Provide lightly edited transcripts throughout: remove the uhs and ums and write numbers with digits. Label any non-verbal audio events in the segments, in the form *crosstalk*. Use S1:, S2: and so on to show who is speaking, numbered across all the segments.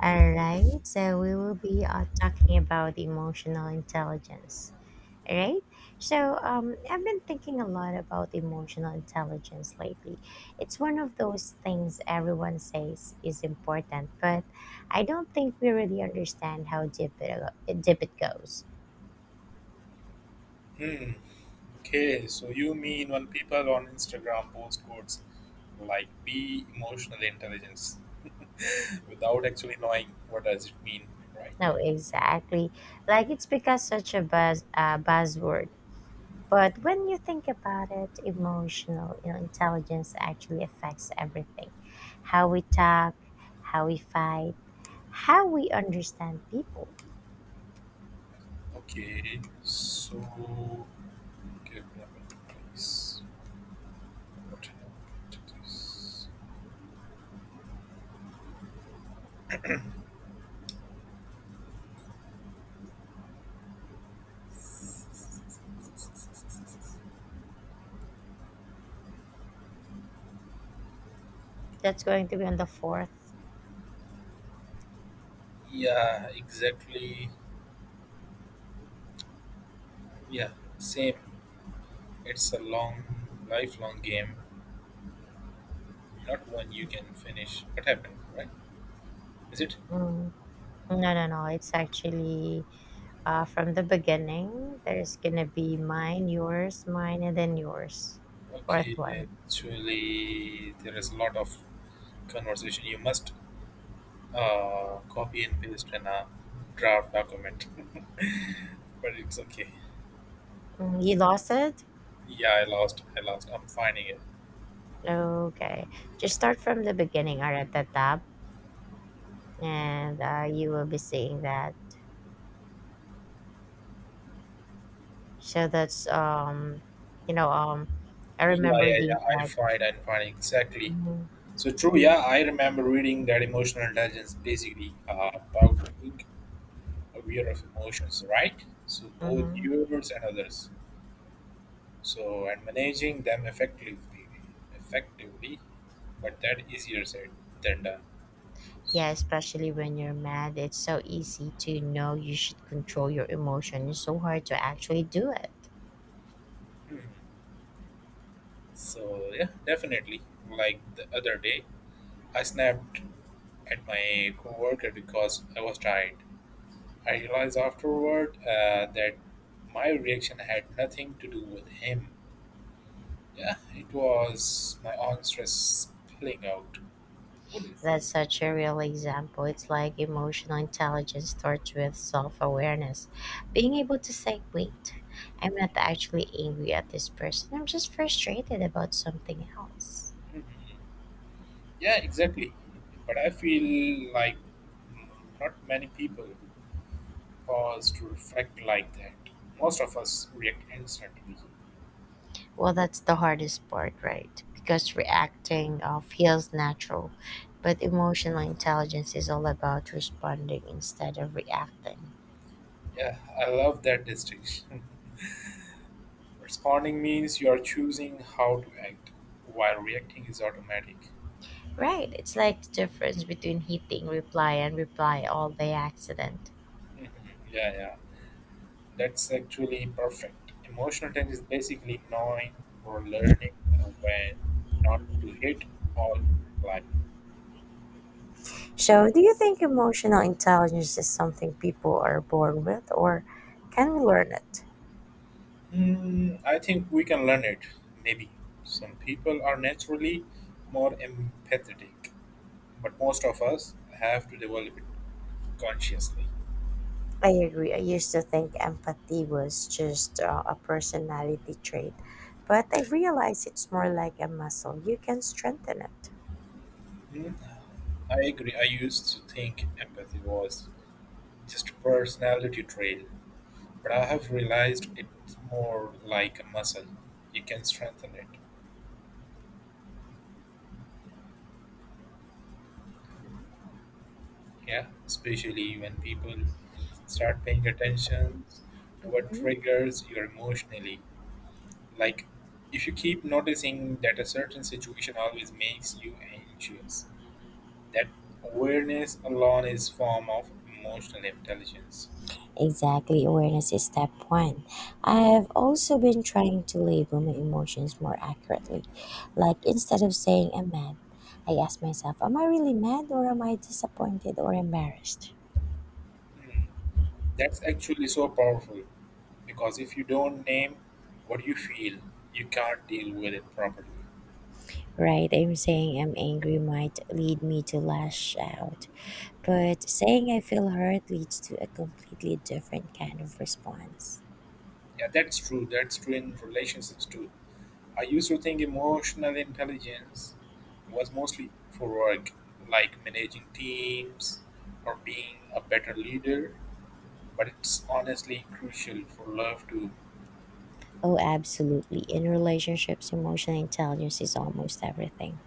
S1: All right, so we will be talking about emotional intelligence. All right, so I've been thinking a lot about emotional intelligence lately. It's one of those things everyone says is important, but I don't think we really understand how deep it goes.
S2: Hmm. Okay, so you mean when people on Instagram post quotes like be emotional intelligence *laughs* without actually knowing what does it mean, right?
S1: No, exactly. Like it's because such a buzzword. But when you think about it, emotional intelligence actually affects everything: how we talk, how we fight, how we understand people.
S2: Okay, so give me a minute, please. What it is?
S1: That's going to be on the fourth.
S2: Yeah, exactly. Yeah, same. It's a long, lifelong game, not one you can finish. What happened, right? Is it?
S1: Mm, no, no, no. It's actually from the beginning. There's gonna be mine, yours, mine, and then yours. Fourth
S2: Okay,
S1: one.
S2: actually, there is a lot of conversation. You must copy and paste in a draft document. *laughs* But it's okay.
S1: Mm, you lost it.
S2: Yeah, I lost. I lost. I'm finding it.
S1: Okay. Just start from the beginning or at the top, and you will be seeing that. So that's you know um, I
S2: Yeah,
S1: remember
S2: yeah, yeah.
S1: doing
S2: I
S1: that.
S2: find. I'm finding exactly.
S1: hmm
S2: So true. Yeah, I remember reading that emotional intelligence basically about being aware of emotions, right? So both
S1: hmm
S2: yours and others. So and managing them effectively, effectively, but that easier said than done.
S1: Yeah, especially when you're mad, it's so easy to know you should control your emotion. It's so hard to actually do it.
S2: Hmm. So yeah, definitely. Like the other day, I snapped at my coworker because I was tired. I realized afterward that my reaction had nothing to do with him. Yeah, it was my own stress spilling out. What do you think?
S1: That's such a real example. It's like emotional intelligence starts with self awareness. Being able to say, wait, I'm not actually angry at this person, I'm just frustrated about something else.
S2: Yeah, exactly. But I feel like mm, not many people pause to reflect like that. Most of us react instantly.
S1: Well, that's the hardest part, right? Because reacting feels natural, but emotional intelligence is all about responding instead of reacting.
S2: Yeah, I love that distinction. *laughs* Responding means you are choosing how to act, while reacting is automatic.
S1: Right, it's like the difference between hitting reply and reply all by accident.
S2: Mhm. Yeah, yeah. That's actually perfect. Emotional intelligence is basically knowing or learning when not to hit all life.
S1: So, do you think emotional intelligence is something people are born with, or can we learn it?
S2: Hmm, I think we can learn it. Maybe some people are naturally more empathetic, but most of us have to develop it consciously.
S1: I agree. I used to think empathy was just a personality trait, but I realize it's more like a muscle. You can strengthen it.
S2: Hmm, I agree. I used to think empathy was just a personality trait, but I have realized it's more like a muscle. You can strengthen it. Yeah. Especially when people start paying attention to what
S1: hmm
S2: triggers you emotionally. Like if you keep noticing that a certain situation always makes you anxious, that awareness alone is form of emotional intelligence.
S1: Exactly, awareness is step one. I've also been trying to label my emotions more accurately. Like instead of saying I'm mad, I ask myself, am I really mad or am I disappointed or embarrassed?
S2: That's actually so powerful because if you don't name what you feel, you can't deal with it properly.
S1: Right? I'm saying I'm angry might lead me to lash out, but saying I feel hurt leads to a completely different kind of response.
S2: Yeah, that's true. That's true in relationships too. I used to think emotional intelligence was mostly for work, like managing teams or being a better leader, but it's honestly crucial for love too.
S1: Oh, absolutely. In relationships, emotional intelligence is almost everything.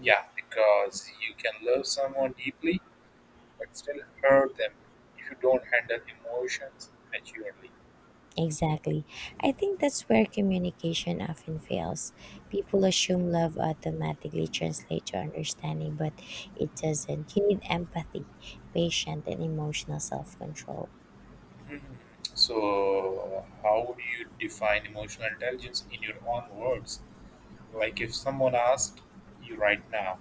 S2: Yeah, because you can love someone deeply but still hurt them if you don't handle emotions maturely.
S1: Exactly. I think that's where communication often fails. People assume love automatically translates to understanding, but it doesn't. You need empathy, patience, and emotional self control.
S2: So, how would you define emotional intelligence in your own words? Like if someone asked you right now,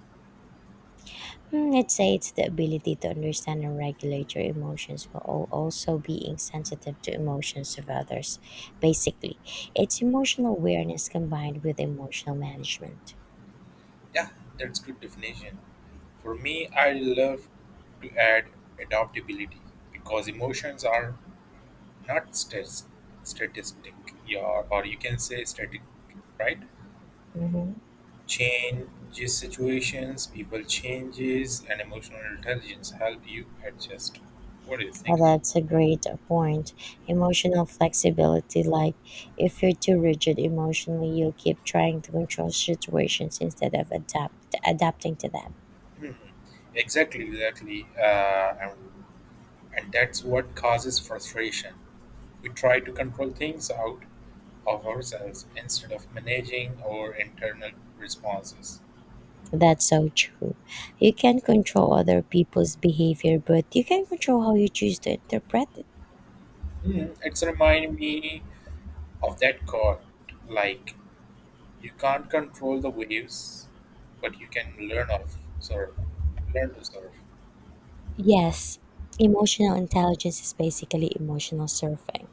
S1: Hmm, I'd say it's the ability to understand and regulate your emotions while also being sensitive to emotions of others. Basically, it's emotional awareness combined with emotional management.
S2: yeah, that's good definition. For me, I love to add adaptability because emotions are not statistic, yeah, or you can say static, right?
S1: hmm
S2: Changes situations, people changes, and emotional intelligence help you adjust. What do you think?
S1: that's a great point. Emotional flexibility, like if you're too rigid emotionally, you'll keep trying to control situations instead of adapting to them.
S2: Hmm. Exactly, exactly. And that's what causes frustration. We try to control things out of ourselves instead of managing our internal responses.
S1: That's so true. You can control other people's behavior, but you can control how you choose to interpret it.
S2: Hmm, it's remind me of that quote, like you can't control the waves, but you can learn of surf. Learn to surf.
S1: Yes, emotional intelligence is basically emotional surfing.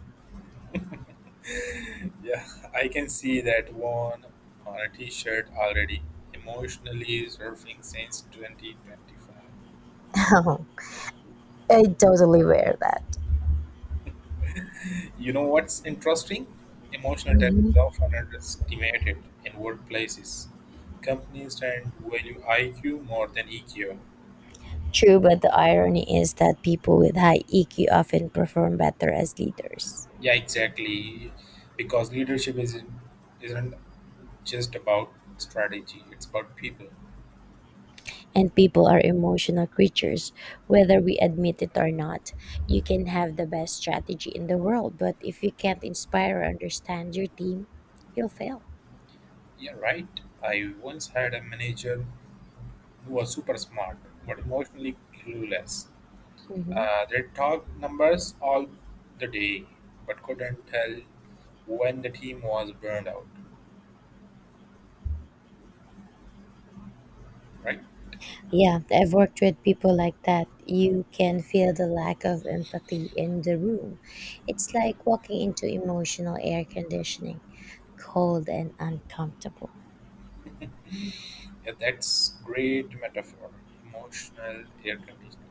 S2: *laughs* Yeah, I can see that one on a t-shirt already. Emotionally surfing since 2025.
S1: *laughs* I totally wear that.
S2: You know what's interesting? Emotional depth is
S1: Mhm.
S2: often underestimated in workplaces. Companies tend to value IQ more than EQ.
S1: True, but the irony is that people with high EQ often perform better as leaders.
S2: Yeah, exactly. Because leadership isn't just about strategy; it's about people.
S1: And people are emotional creatures, whether we admit it or not. You can have the best strategy in the world, but if you can't inspire or understand your team, you'll fail.
S2: Yeah, right. I once had a manager who was super smart but emotionally clueless.
S1: Mhm.
S2: They talked numbers all the day, but couldn't tell when the team was burned out. Right?
S1: Yeah, I've worked with people like that. You can feel the lack of empathy in the room. It's like walking into emotional air conditioning, cold and uncomfortable.
S2: Yeah, that's great metaphor. Emotional air conditioning.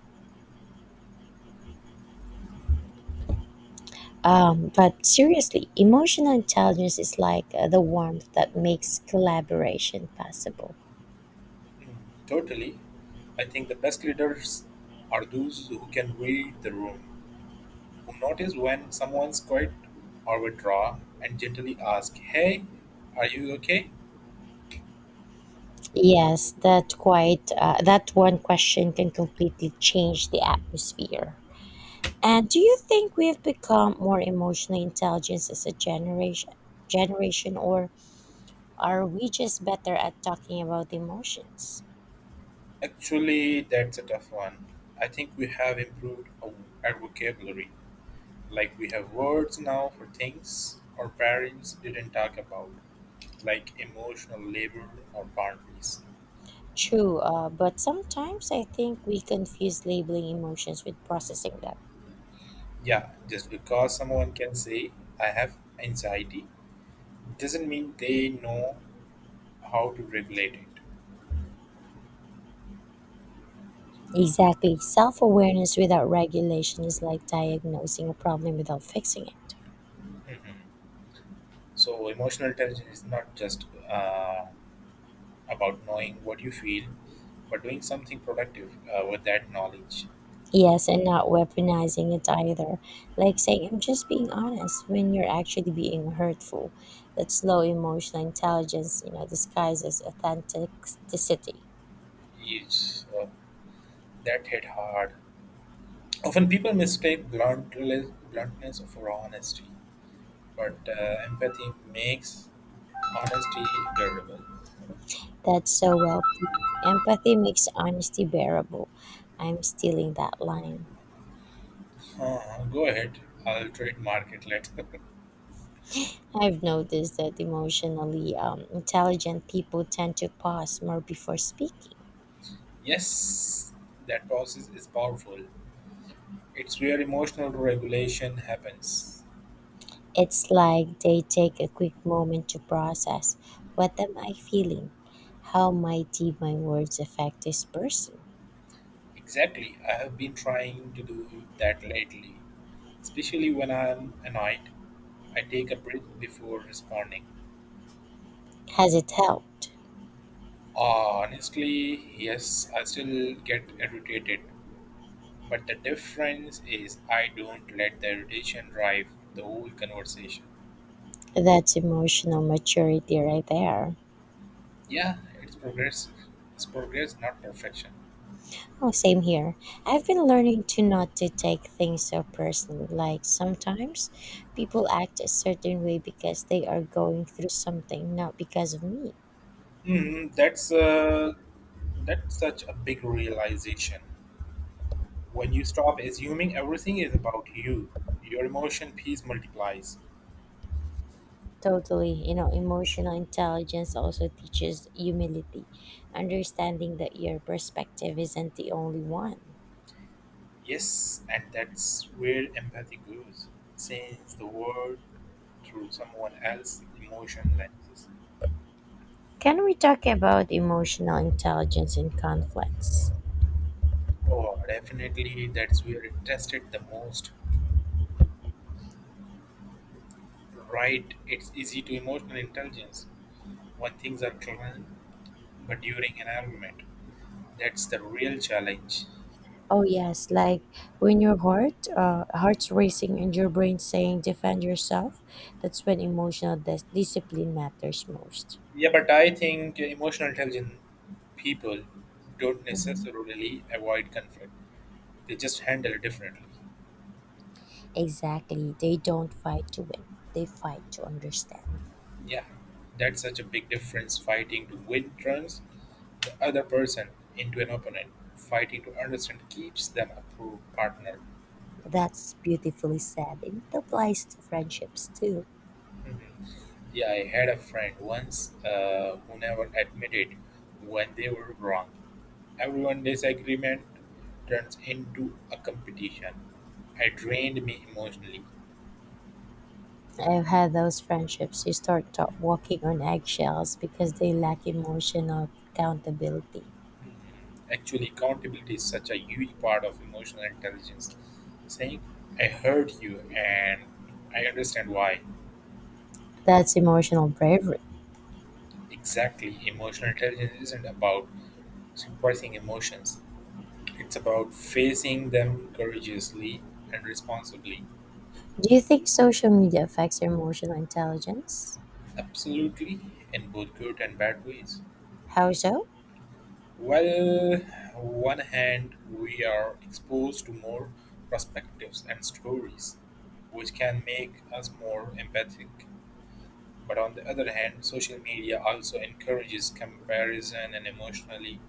S1: But seriously, emotional intelligence is like the warmth that makes collaboration possible.
S2: Totally. I think the best leaders are those who can read the room, who notice when someone's quiet or withdraw, and gently ask, "Hey, are you okay?"
S1: Yes, that quite that one question can completely change the atmosphere. And do you think we've become more emotionally intelligent as a generation or are we just better at talking about emotions?
S2: Actually, that's a tough one. I think we have improved our vocabulary. Like we have words now for things our parents didn't talk about, like emotional labor or boundaries.
S1: True, but sometimes I think we confuse labeling emotions with processing them.
S2: Yeah, just because someone can say, I have anxiety, doesn't mean they know how to regulate it.
S1: Exactly. Self awareness without regulation is like diagnosing a problem without fixing it.
S2: So, emotional intelligence is not just about knowing what you feel, but doing something productive with that knowledge.
S1: Yes, and not weaponizing it either. Like saying, I'm just being honest when you're actually being hurtful. That slow emotional intelligence, you know, disguises authenticity.
S2: Is, uh, that hit hard. Often people mistake bluntness for honesty, but empathy makes honesty durable.
S1: That's so well put. Empathy makes honesty bearable. I'm stealing that line.
S2: Go ahead, I'll trademark it later. *laughs*
S1: I've noticed that emotionally intelligent people tend to pause more before speaking.
S2: Yes, that process is powerful. It's where emotional regulation happens.
S1: It's like they take a quick moment to process, what am I feeling? How might my words affect this person?
S2: Exactly. I have been trying to do that lately, especially when I'm annoyed. I take a breath before responding.
S1: Has it helped?
S2: Honestly, yes, I still get irritated, but the difference is I don't let the irritation drive the whole conversation.
S1: That's emotional maturity right there.
S2: Yeah, it's progressive. It's progress, not perfection.
S1: Oh, same here. I've been learning to not to take things so personally. Like sometimes people act a certain way because they are going through something, not because of me.
S2: Mm, that's uh, that's such a big realization. When you stop assuming everything is about you, your emotion piece multiplies.
S1: Totally, you know, emotional intelligence also teaches humility, understanding that your perspective isn't the only one.
S2: Yes, and that's where empathy goes. Sees the world through someone else's emotion lenses.
S1: Can we talk about emotional intelligence in conflicts?
S2: Oh, definitely, that's where it tested the most. Right, it's easy to emotional intelligence when things are clean, but during an argument, that's the real challenge.
S1: Oh yes, like when your heart's racing and your brain saying defend yourself, that's when emotional discipline matters most.
S2: Yeah, but I think emotional intelligent people don't
S1: hmm
S2: necessarily avoid conflict. They just handle it differently.
S1: Exactly. They don't fight to win. They fight to understand.
S2: Yeah, that's such a big difference. Fighting to win turns the other person into an opponent. Fighting to understand keeps them a pro partner.
S1: That's beautifully said. And it applies to friendships too.
S2: Mhm. Yeah, I had a friend once who never admitted when they were wrong. Everyone disagreement turns into a competition. It drained me emotionally.
S1: I've had those friendships you start walking on eggshells because they lack emotional accountability.
S2: Actually, accountability is such a huge part of emotional intelligence. Saying, I heard you and I understand why.
S1: That's emotional bravery.
S2: Exactly. Emotional intelligence isn't about suppressing emotions, it's about facing them courageously and responsibly.
S1: Do you think social media affects your emotional intelligence?
S2: Absolutely, in both good and bad ways.
S1: How so?
S2: Well, one hand, we are exposed to more perspectives and stories, which can make us more empathic. But on the other hand, social media also encourages comparison and emotionally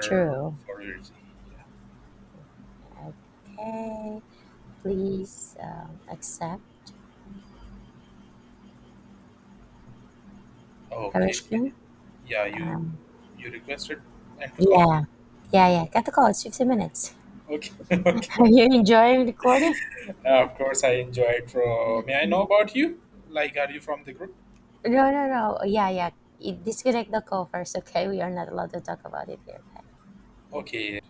S1: True. Okay. Please accept
S2: Okay.
S1: Harishkin.
S2: Yeah, you
S1: Um,
S2: requested and to call?
S1: yeah. Yeah, yeah. Got the call. It's 15 minutes.
S2: Okay, *laughs*
S1: *laughs* Are
S2: okay.
S1: you enjoying recording?
S2: Of course, I enjoyed. From may I know about you? Like, are you from the group?
S1: No, no, no. Yeah, yeah. You disconnect the call first, okay? We are not allowed to talk about it here, okay?
S2: Okay.